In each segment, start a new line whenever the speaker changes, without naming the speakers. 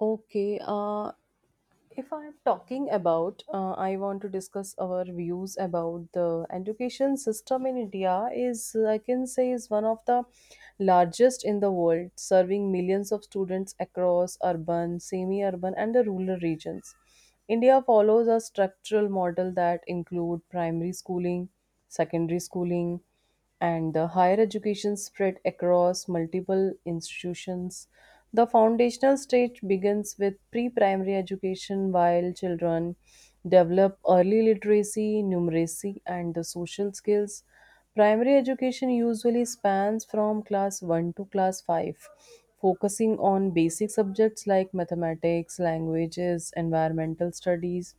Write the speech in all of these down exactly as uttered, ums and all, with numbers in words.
Okay, uh, if I'm talking about, uh, I want to discuss our views about the education system in India is, I can say, is one of the largest in the world, serving millions of students across urban, semi-urban, and the rural regions. India follows a structural model that include primary schooling, secondary schooling, and the higher education spread across multiple institutions. The foundational stage begins with pre primary education, while children develop early literacy, numeracy, and the social skills. Primary education usually spans from class one to class five, focusing on basic subjects like mathematics, languages, environmental studies,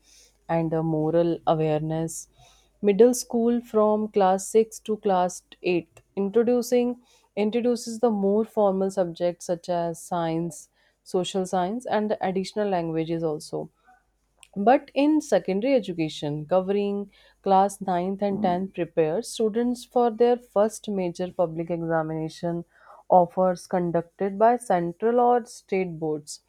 and uh, moral awareness. Middle school from class six to class eight introducing introduces the more formal subjects such as science, social science, and the additional languages also. But in secondary education, covering class ninth and tenth prepares students for their first major public examination offers conducted by central or state boards.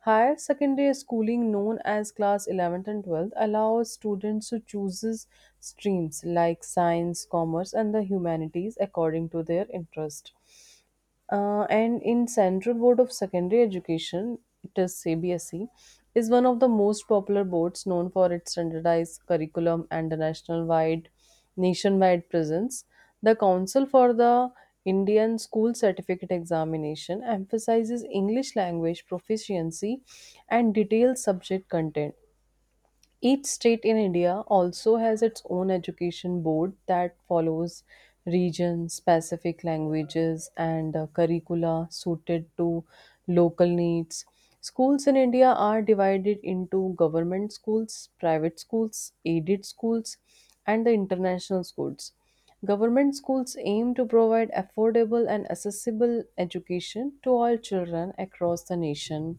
Higher secondary schooling known as class eleventh and twelfth allows students to choose streams like science, commerce and the humanities according to their interest. Uh, and in Central Board of Secondary Education, it is C B S E, is one of the most popular boards known for its standardized curriculum and the national-wide, nationwide presence. The Council for the Indian School Certificate Examination emphasizes English language proficiency and detailed subject content. Each state in India also has its own education board that follows region specific languages and uh, curricula suited to local needs. Schools in India are divided into government schools, private schools, aided schools, and the international schools. Government schools aim to provide affordable and accessible education to all children across the nation.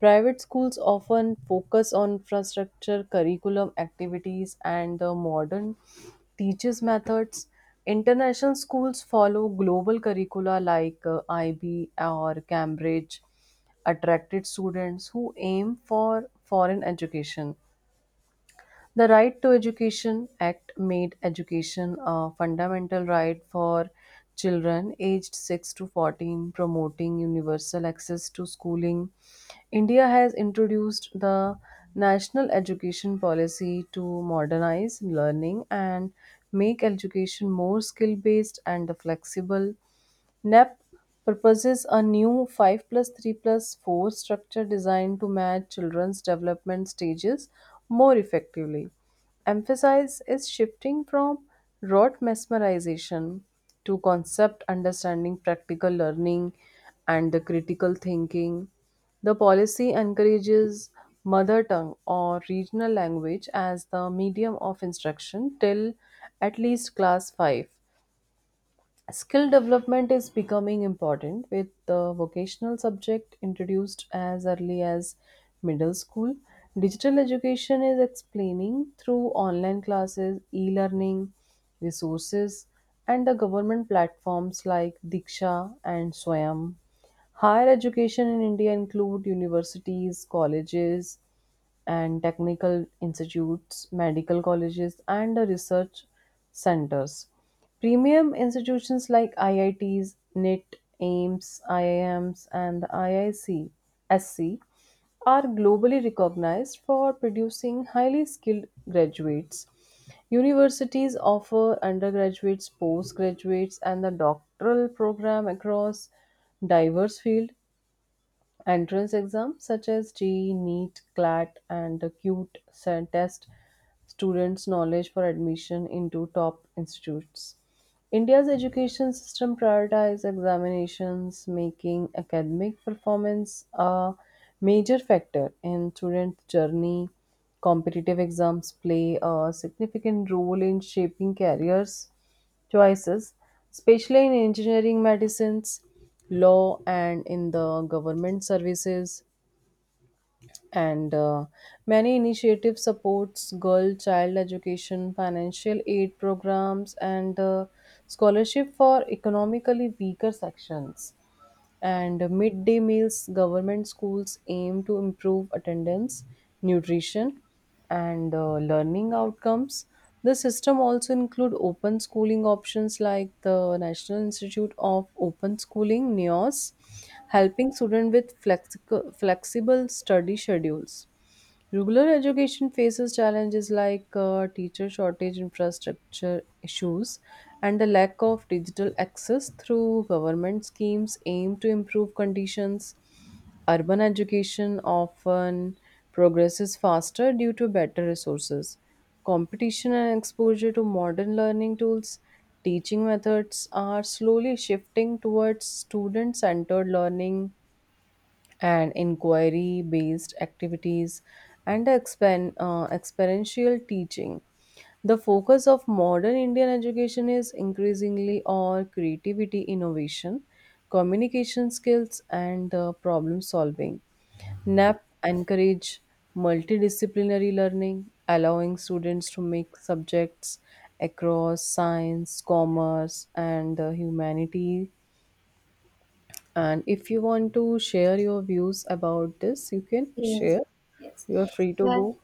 Private schools often focus on infrastructure, curriculum, activities, and the modern teachers' methods. International schools follow global curricula like uh, I B or Cambridge, attracted students who aim for foreign education. The Right to Education Act made education a fundamental right for children aged six to fourteen, promoting universal access to schooling. India has introduced the National Education Policy to modernize learning and make education more skill based and flexible. N E P proposes a new five plus three plus four structure designed to match children's development stages more effectively. Emphasis is shifting from rote mesmerization to concept understanding, practical learning, and the critical thinking. The policy encourages mother tongue or regional language as the medium of instruction till at least class five. Skill development is becoming important with the vocational subject introduced as early as middle school. Digital education is explaining through online classes, e learning, resources, and the government platforms like Diksha and Swayam. Higher education in India include universities, colleges, and technical institutes, medical colleges, and the research centers. Premium institutions like I I Ts, N I T, AIMS, I I Ms, and the I I C S C are globally recognized for producing highly skilled graduates. Universities offer undergraduates, postgraduates, and the doctoral program across diverse fields. Entrance exams such as G E, NEET, CLAT, and the CUTE sa- test students' knowledge for admission into top institutes. India's education system prioritizes examinations, making academic performance a major factor in students' journey. Competitive exams play a significant role in shaping careers choices, especially in engineering, medicines, law, and in the government services. And uh, Many initiatives supports girl child education, financial aid programs, and uh, scholarship for economically weaker sections, and midday meals government schools aim to improve attendance, nutrition, and uh, learning outcomes. The system also include open schooling options like the national institute of open schooling (N I O S), helping students with flexic- flexible study schedules. Rural education faces challenges like uh, teacher shortage, infrastructure issues, and the lack of digital access through government schemes aimed to improve conditions. Urban education often progresses faster due to better resources, competition, and exposure to modern learning tools. Teaching methods are slowly shifting towards student centered learning and inquiry based activities and the expen- uh, experiential teaching. The focus of modern Indian education is increasingly on creativity, innovation, communication skills, and uh, problem solving. N A P encourage multidisciplinary learning, allowing students to mix subjects across science, commerce, and uh, humanities. And if you want to share your views about this, you can
Yes.
share.
Yes.
You are free to
But,
go.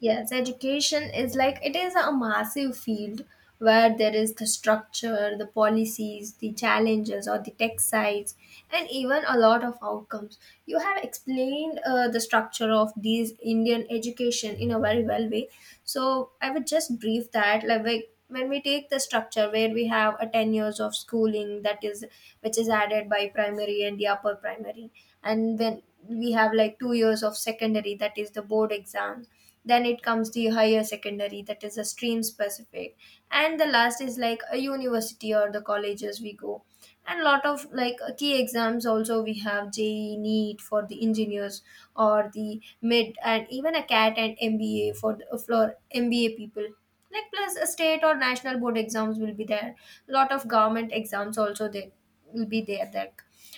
Yes, education is like it is a massive field where there is the structure, the policies, the challenges, or the tech sides, and even a lot of outcomes. You have explained uh, the structure of these Indian education in a very well way. So I would just brief that like we- when we take the structure where we have a ten years of schooling that is which is added by primary and the upper primary, and then we have like two years of secondary that is the board exams, then it comes the higher secondary that is a stream specific, and the last is like a university or the colleges we go, and lot of like key exams also we have J E E, NEET for the engineers or the mid, and even a CAT and M B A for the, for M B A people, like plus a state or national board exams will be there, lot of government exams also they will be there there.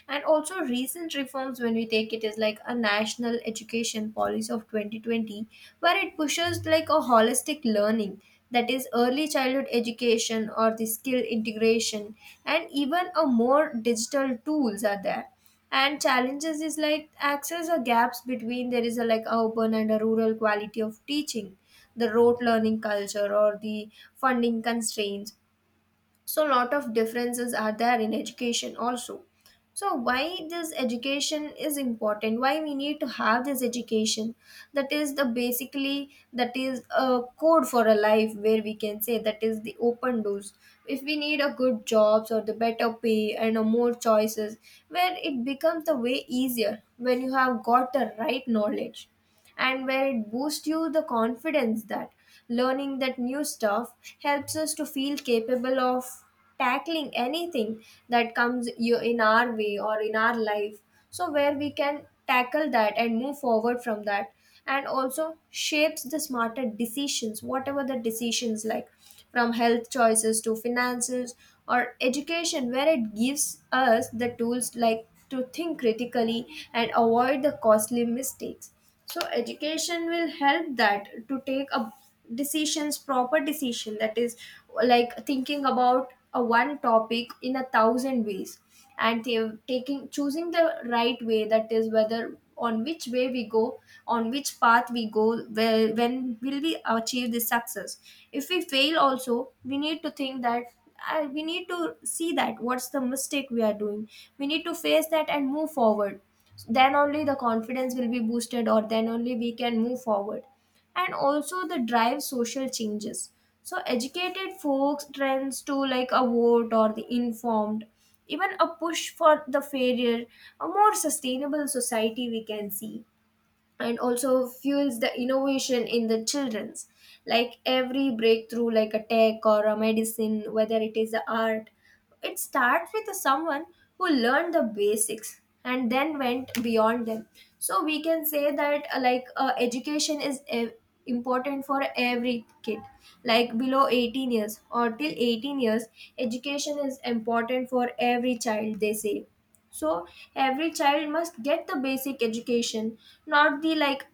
And also recent reforms when we take it is like a national education policy of twenty twenty where it pushes like a holistic learning, that is early childhood education or the skill integration, and even a more digital tools are there. And challenges is like access or gaps between there is a like urban and a rural quality of teaching, the rote learning culture or the funding constraints, so a lot of differences are there in education also. So why this education is important, why we need to have this education, that is the basically that is a code for a life where we can say that is the open doors, if we need a good jobs or the better pay and a more choices, where it becomes the way easier when you have got the right knowledge, and where it boosts you the confidence that learning that new stuff helps us to feel capable of tackling anything that comes you- in our way or in our life, so where we can tackle that and move forward from that. And also shapes the smarter decisions, whatever the decisions, like from health choices to finances, or education where it gives us the tools like to think critically and avoid the costly mistakes. So education will help that to take a decisions, proper decision, that is like thinking about a one topic in a thousand ways, and ta- taking, choosing the right way, that is whether on which way we go, on which path we go, where when will we achieve this success. If we fail also, we need to think that uh, we need to see that what's the mistake we are doing, we need to face that and move forward. Then only the confidence will be boosted, or then only we can move forward. And also the drive social changes, so educated folks trends to like a vote or the informed, even a push for the fairer, a more sustainable society we can see. And also fuels the innovation in the children's, like every breakthrough like a tech or a medicine whether it is a art, it starts with a someone who learned the basics and then went beyond them. So we can say that uh, like uh, education is ev- important for every kid, like below eighteen years or till eighteen years education is important for every child they say. So every child must get the basic education, not the like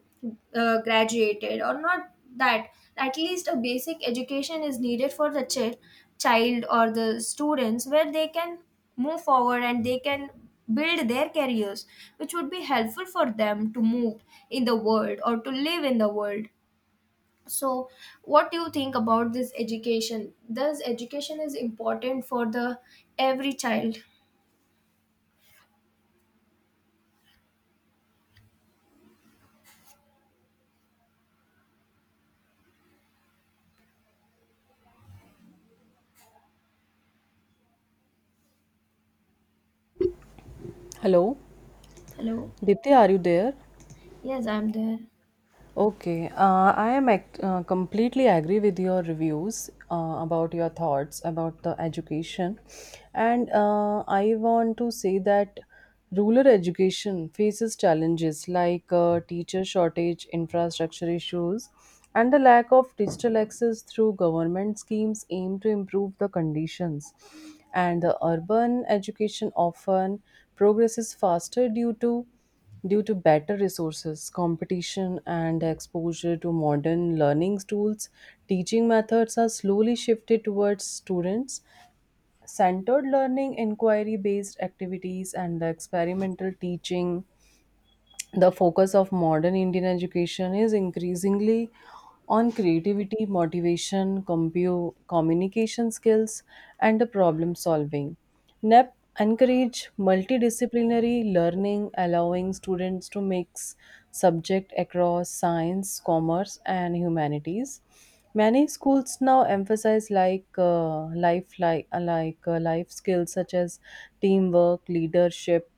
uh, graduated or not, that at least a basic education is needed for the ch- child or the students where they can move forward and they can build their careers, which would be helpful for them to move in the world or to live in the world. So what do you think about this education, does education is important for the every child?
Hello,
Hello.
Dipti, are you there?
Yes, I'm there.
Okay, uh, I am act- uh, completely agree with your reviews uh, about your thoughts about the education, and uh, I want to say that rural education faces challenges like uh, teacher shortage, infrastructure issues, and the lack of digital access through government schemes aimed to improve the conditions. And the urban education often progresses faster due to Due to better resources, competition, and exposure to modern learning tools. Teaching methods are slowly shifted towards students centered learning, inquiry based activities, and the experimental teaching. The focus of modern Indian education is increasingly on creativity, motivation, compu- communication skills, and the problem solving. N E P encourage multidisciplinary learning, allowing students to mix subject across science, commerce, and humanities. Many schools now emphasize like uh, life like, like uh, life skills such as teamwork, leadership,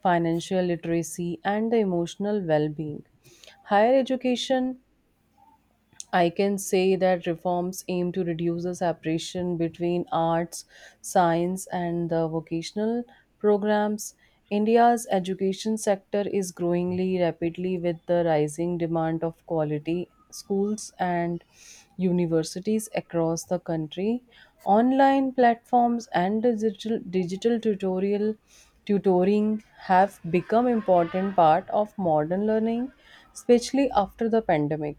financial literacy, and the emotional well-being. Higher education, I can say that reforms aim to reduce the separation between arts, science, and the vocational programs. India's education sector is growing rapidly with the rising demand of quality schools and universities across the country. Online platforms and digital, digital tutorial tutoring have become important part of modern learning, especially after the pandemic.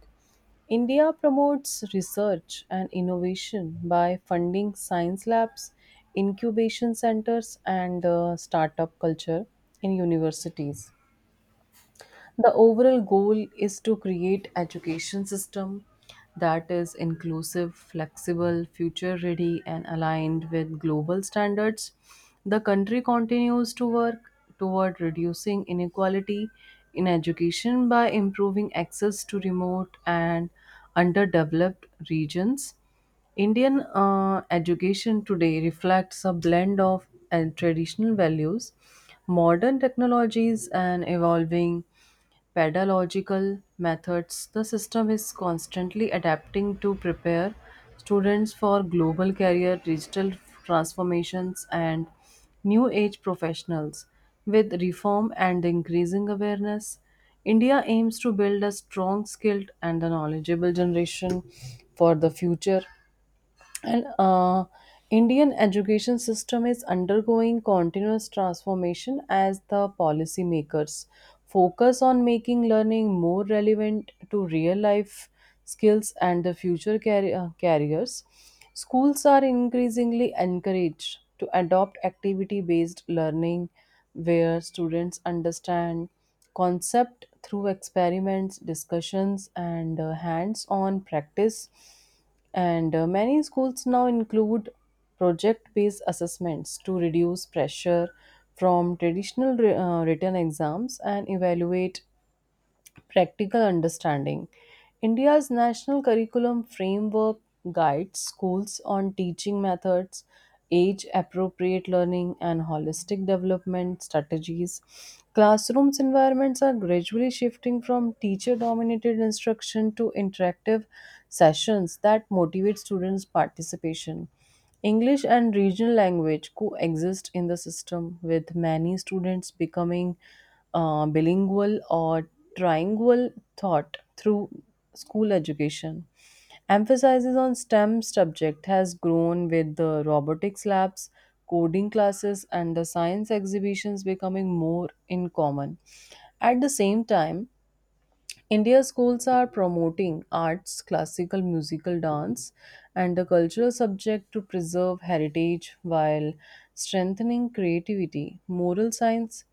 India promotes research and innovation by funding science labs, incubation centers, and uh, startup culture in universities. The overall goal is to create education system that is inclusive, flexible, future ready and aligned with global standards. The country continues to work toward reducing inequality in education by improving access to remote and underdeveloped regions. Indian uh, education today reflects a blend of uh, traditional values, modern technologies, and evolving pedagogical methods. The system is constantly adapting to prepare students for global career, digital transformations, and new age professionals. With reform and increasing awareness, India aims to build a strong, skilled, and a knowledgeable generation for the future. And uh, Indian education system is undergoing continuous transformation as the policymakers focus on making learning more relevant to real life skills and the future carri- uh, careers. Schools are increasingly encouraged to adopt activity based learning where students understand concept through experiments, discussions, and hands on practice. And uh, many schools now include project based assessments to reduce pressure from traditional wri- uh, written exams and evaluate practical understanding. India's National Curriculum Framework guides schools on teaching methods, age appropriate learning, and holistic development strategies. Classrooms environments are gradually shifting from teacher dominated instruction to interactive sessions that motivate students' participation. English and regional language coexist in the system, with many students becoming uh, bilingual or trilingual thought through school education. Emphasis on STEM subject has grown with the robotics labs, coding classes, and the science exhibitions becoming more in common. At the same time, India schools are promoting arts, classical, musical, dance, and the cultural subject to preserve heritage while strengthening creativity. Moral science,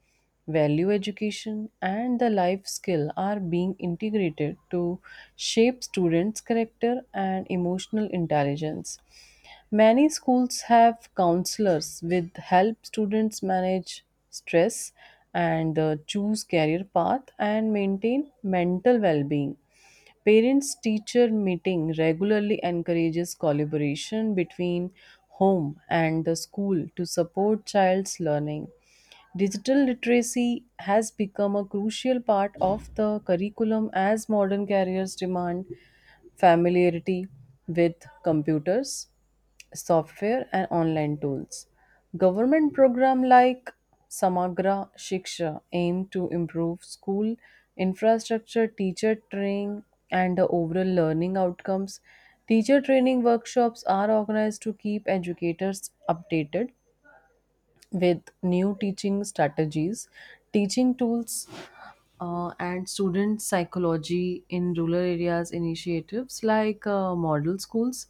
value education, and the life skill are being integrated to shape students' character and emotional intelligence. Many schools have counselors with help students manage stress and uh, choose career path and maintain mental well-being. Parents teacher meeting regularly encourages collaboration between home and the school to support child's learning. Digital literacy has become a crucial part of the curriculum as modern careers demand familiarity with computers, software, and online tools. Government programs like Samagra Shiksha aim to improve school infrastructure, teacher training, and the overall learning outcomes. Teacher training workshops are organized to keep educators updated with new teaching strategies, teaching tools, uh, and student psychology. In rural areas initiatives like uh, model schools,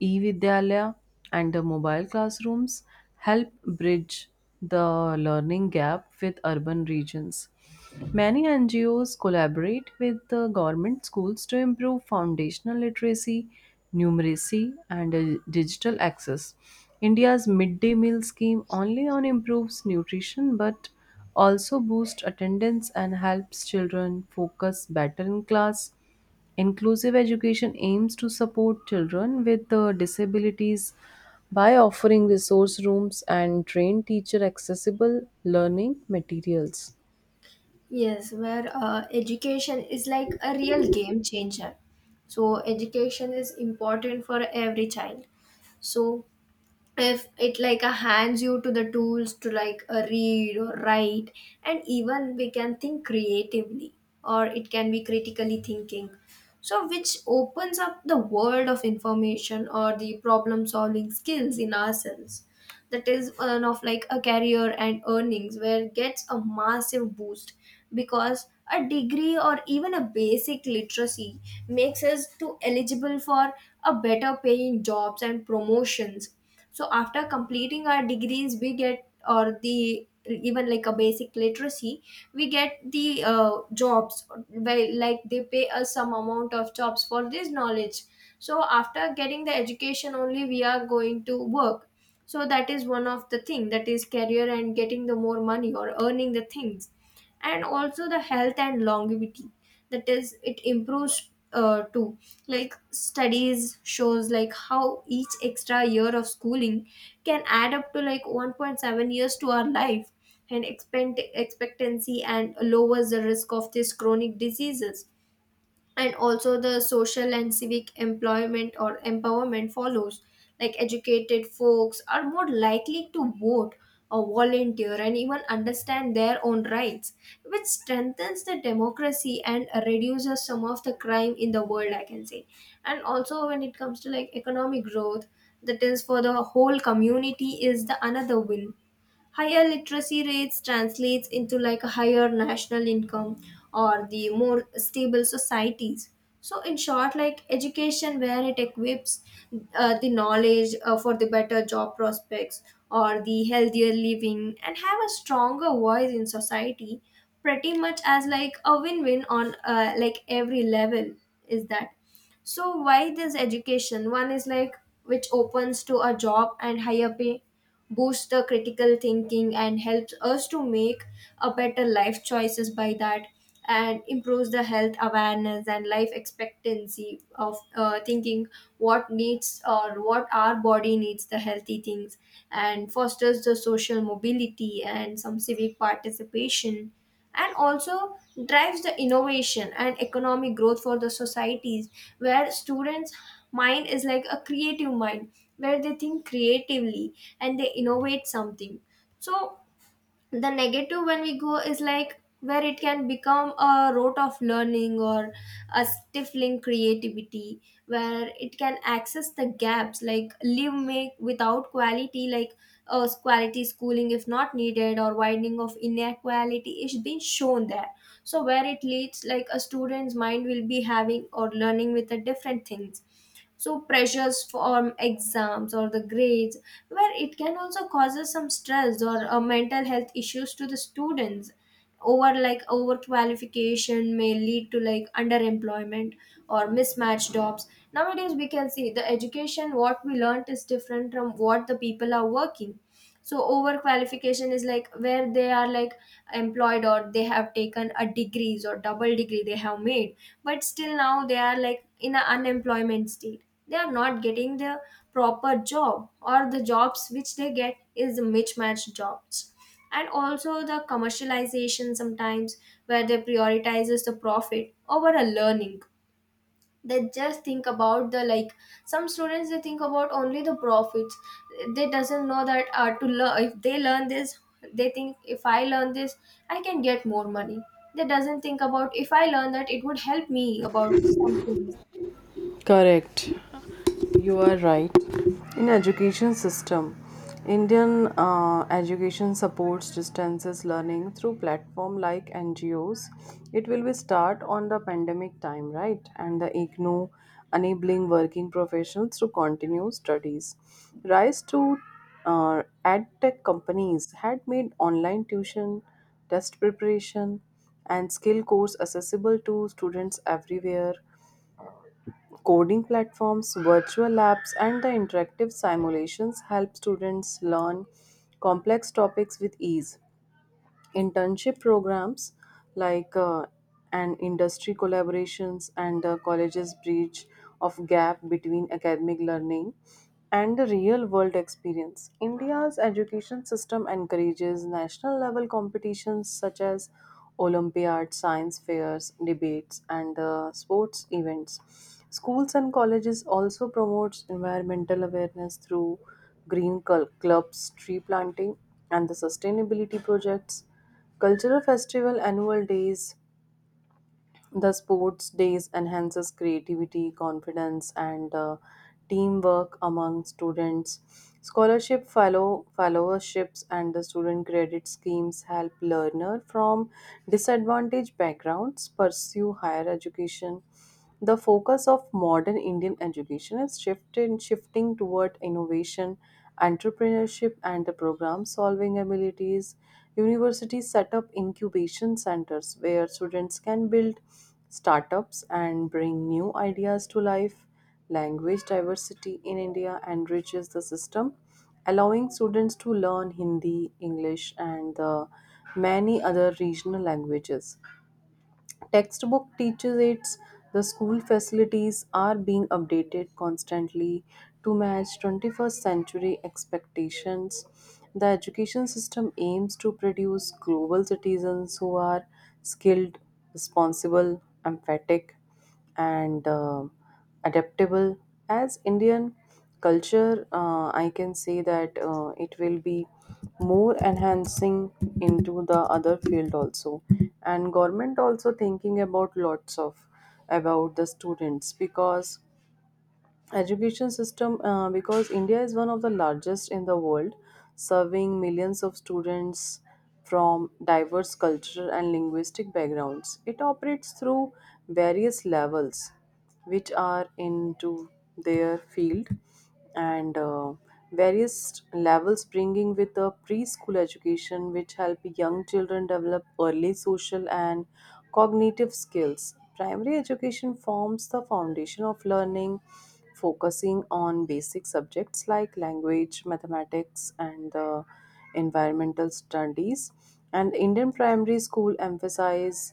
e-vidyalaya, and uh, mobile classrooms help bridge the learning gap with urban regions. Many N G Os collaborate with the government schools to improve foundational literacy, numeracy, and uh, digital access. India's midday meal scheme only on improves nutrition but also boosts attendance and helps children focus better in class. Inclusive education aims to support children with uh, disabilities by offering resource rooms and trained teacher accessible learning materials.
Yes, where uh, education is like a real game changer. So education is important for every child. So if it like uh, hands you to the tools to like uh, read or write, and even we can think creatively, or it can be critically thinking. So which opens up the world of information or the problem solving skills in ourselves, that is one of like a career and earnings where it gets a massive boost, because a degree or even a basic literacy makes us to eligible for a better paying jobs and promotions. So after completing our degrees we get or the even like a basic literacy, we get the uh, jobs where like they pay us some amount of jobs for this knowledge, so after getting the education only we are going to work. So that is one of the thing, that is career and getting the more money or earning the things. And also the health and longevity, that is it improves uh, too, like studies shows like how each extra year of schooling can add up to like one point seven years to our life and expect- expectancy, and lowers the risk of these chronic diseases. And also the social and civic employment or empowerment follows, like educated folks are more likely to vote or volunteer and even understand their own rights, which strengthens the democracy and reduces some of the crime in the world I can say. And also when it comes to like economic growth, that is for the whole community is the another win. Higher literacy rates translates into like a higher national income or the more stable societies. So in short, like education where it equips uh, the knowledge uh, for the better job prospects or the healthier living and have a stronger voice in society, pretty much as like a win-win on uh, like every level, is that. So why this education? One is like which opens to a job and higher pay, boosts the critical thinking and helps us to make a better life choices by that, and improves the health awareness and life expectancy of uh, thinking what needs or what our body needs the healthy things, and fosters the social mobility and some civic participation, and also drives the innovation and economic growth for the societies where students mind is like a creative mind where they think creatively and they innovate something. So the negative when we go is like where it can become a rote of learning or a stifling creativity, where it can access the gaps like leave make without quality, like uh, quality schooling if not needed or widening of inequality is being shown there, so where it leads like a student's mind will be having or learning with a different things. So pressures from exams or the grades, where it can also causes some stress or uh, mental health issues to the students, over like overqualification may lead to like underemployment or mismatched jobs, nowadays we can see the education what we learnt is different from what the people are working. So overqualification is like where they are like employed or they have taken a degrees or double degree they have made, but still now they are like in an unemployment state, they are not getting the proper job or the jobs which they get is mismatched jobs. And also the commercialization sometimes where they prioritizes the profit over a learning, they just think about the like some students they think about only the profits, they doesn't know that uh, to learn, if they learn this they think if I learn this I can get more money, they doesn't think about if I learn that it would help me about some things.
Correct. You are right. In education system, indian uh, education supports distances learning through platform like ngos. It will be start on the pandemic time, right, and the igno enabling working professionals to continue studies. Rise to uh, ad tech companies had made online tuition, test preparation, and skill course accessible to students everywhere. Coding platforms, virtual labs, and the interactive simulations help students learn complex topics with ease. Internship programs like uh, and industry collaborations and the colleges bridge of gap between academic learning and the real world experience. India's education system encourages national level competitions such as Olympiads, science fairs, debates, and uh, sports events. Schools and colleges also promotes environmental awareness through green cul- clubs, tree planting, and the sustainability projects. Cultural festival annual days, the sports days enhances creativity, confidence, and uh, teamwork among students. Scholarship fellow fellowships and the student credit schemes help learner from disadvantaged backgrounds pursue higher education. The focus of modern Indian education is shifted, shifting toward innovation, entrepreneurship, and the problem solving abilities. Universities set up incubation centers where students can build startups and bring new ideas to life. Language diversity in India enriches the system, allowing students to learn Hindi, English, and the many other regional languages. Textbook teaches it, the school facilities are being updated constantly to match twenty-first century expectations. The education system aims to produce global citizens who are skilled, responsible, emphatic, and um adaptable. As Indian culture, uh, I can say that uh, it will be more enhancing into the other field also, and government also thinking about lots of about the students, because education system uh, because india is one of the largest in the world serving millions of students from diverse cultural and linguistic backgrounds. It operates through various levels which are into their field. And uh, various levels bringing with a preschool education which help young children develop early social and cognitive skills. Primary education forms the foundation of learning focusing on basic subjects like language, mathematics, and the environmental studies. And indian primary school emphasize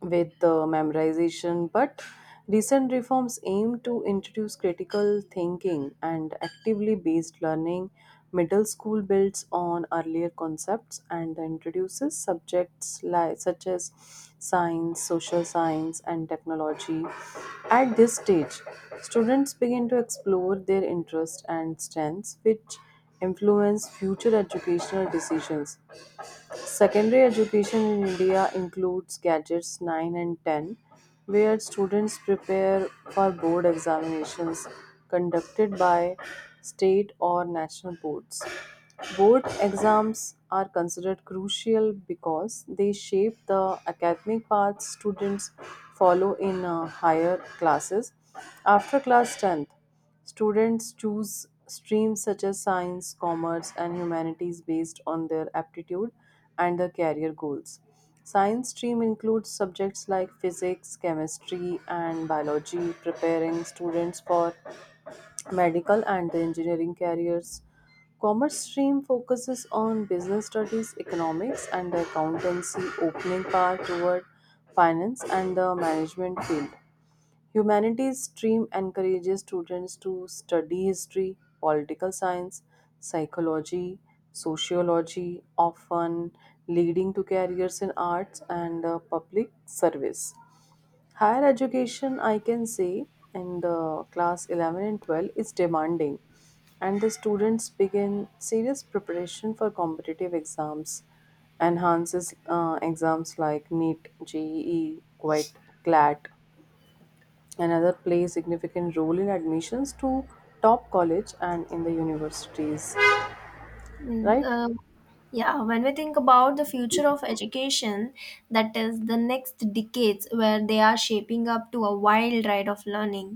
with uh, memorization, but recent reforms aim to introduce critical thinking and actively based learning. Middle school builds on earlier concepts and introduces subjects li- such as science, social science, and technology. At this stage, students begin to explore their interests and strengths, which influence future educational decisions. Secondary education in India includes gadgets nine and ten, where students prepare for board examinations conducted by state or national boards. Board exams are considered crucial because they shape the academic paths students follow in uh, higher classes after class tenth. Students choose streams such as science, commerce, and humanities based on their aptitude and their career goals. Science stream includes subjects like physics, chemistry, and biology, preparing students for medical and the engineering careers. Commerce stream focuses on business studies, economics, and accountancy, opening path toward finance and the management field. Humanities stream encourages students to study history, political science, psychology, sociology, often leading to careers in arts and uh, public service. Higher education, I can say, in the class eleven and twelve is demanding, and the students begin serious preparation for competitive exams, enhances uh, exams like NEET, GEE, quite, CLAT, another plays significant role in admissions to top college and in the universities.
Mm,
Right.
uh, yeah, when we think about the future of education, that is the next decades where they are shaping up to a wild ride of learning.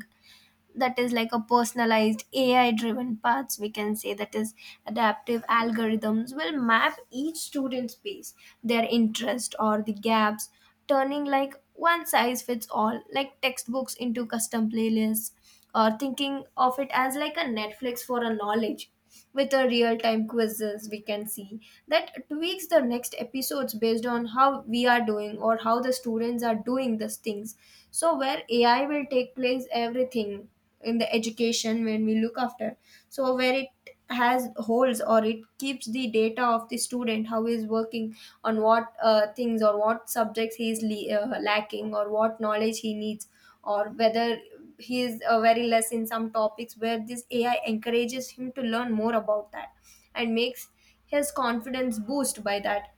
That is like a personalized A I driven paths we can say, that is adaptive algorithms will map each student's pace, their interest or the gaps, turning like one size fits all like textbooks into custom playlists, or thinking of it as like a Netflix for a knowledge, with a real-time quizzes we can see that tweaks the next episodes based on how we are doing or how the students are doing these things. So where AI will take place everything in the education when we look after, so where it has holes or it keeps the data of the student how he is working on what uh, things or what subjects he is le- uh, lacking, or what knowledge he needs, or whether he is uh, very less in some topics where this A I encourages him to learn more about that and makes his confidence boost by that.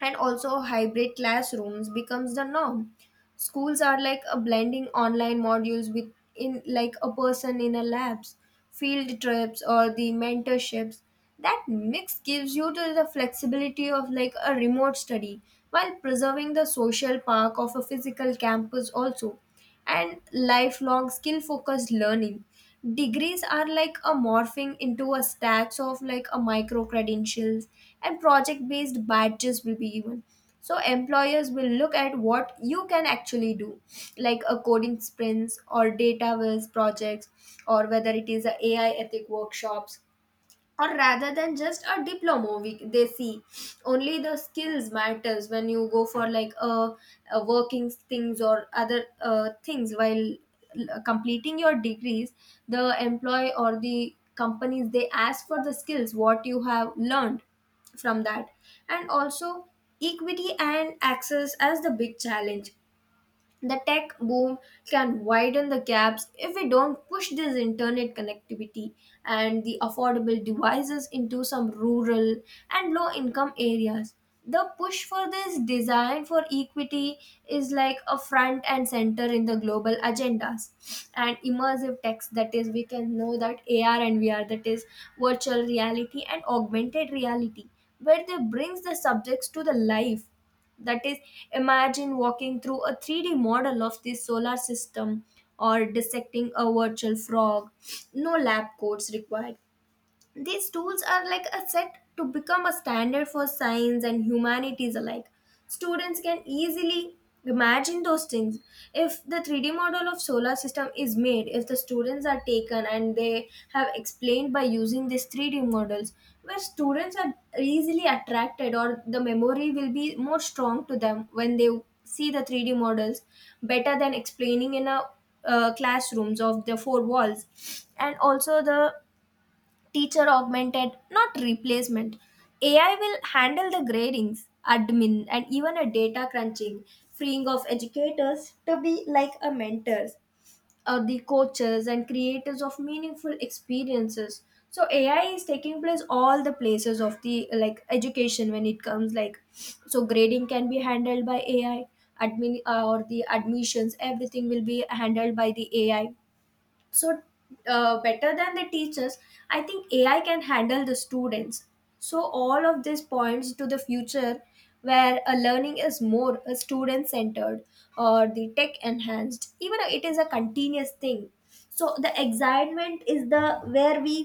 And also hybrid classrooms becomes the norm. Schools are like a blending online modules with in like a person in a labs, field trips or the mentorships. That mix gives you to the flexibility of like a remote study while preserving the social park of a physical campus also. And lifelong skill focused learning degrees are like a morphing into a stacks of like a micro credentials and project based badges will be given, so employers will look at what you can actually do, like a coding sprints or data viz projects, or whether it is a AI ethic workshops, or rather than just a diploma we, they see only the skills matters when you go for like a, a working things or other uh, things while l- completing your degrees. The employee or the companies they ask for the skills what you have learned from that. And also equity and access as the big challenge, the tech boom can widen the gaps if we don't push this internet connectivity and the affordable devices into some rural and low income areas. The push for this design for equity is like a front and center in the global agendas, and immersive text that is we can know that A R and V R, that is virtual reality and augmented reality, where they brings the subjects to the life, that is, imagine walking through a three D model of the solar system or dissecting a virtual frog. No lab coats required. These tools are like a set to become a standard for science and humanities alike. Students can easily imagine those things. If the three D model of solar system is made, if the students are taken and they have explained by using these three D models, where students are easily attracted or the memory will be more strong to them when they see the three D models, better than explaining in a uh, classrooms of the four walls. And also the teacher augmented, not replacement. A I will handle the gradings, admin, and even a data crunching, freeing of educators to be like a mentors or the coaches and creators of meaningful experiences. So A I is taking place all the places of the like education when it comes like, so grading can be handled by A I, admin uh, or the admissions everything will be handled by the A I. So uh, better than the teachers I think AI can handle the students. So all of these points to the future where a learning is more a student centered or the tech enhanced, even it is a continuous thing. So the excitement is the where we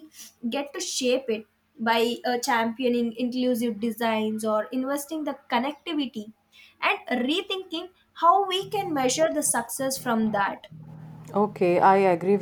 get to shape it by uh, championing inclusive designs or investing the connectivity and rethinking how we can measure the success from that.
Okay, I agree.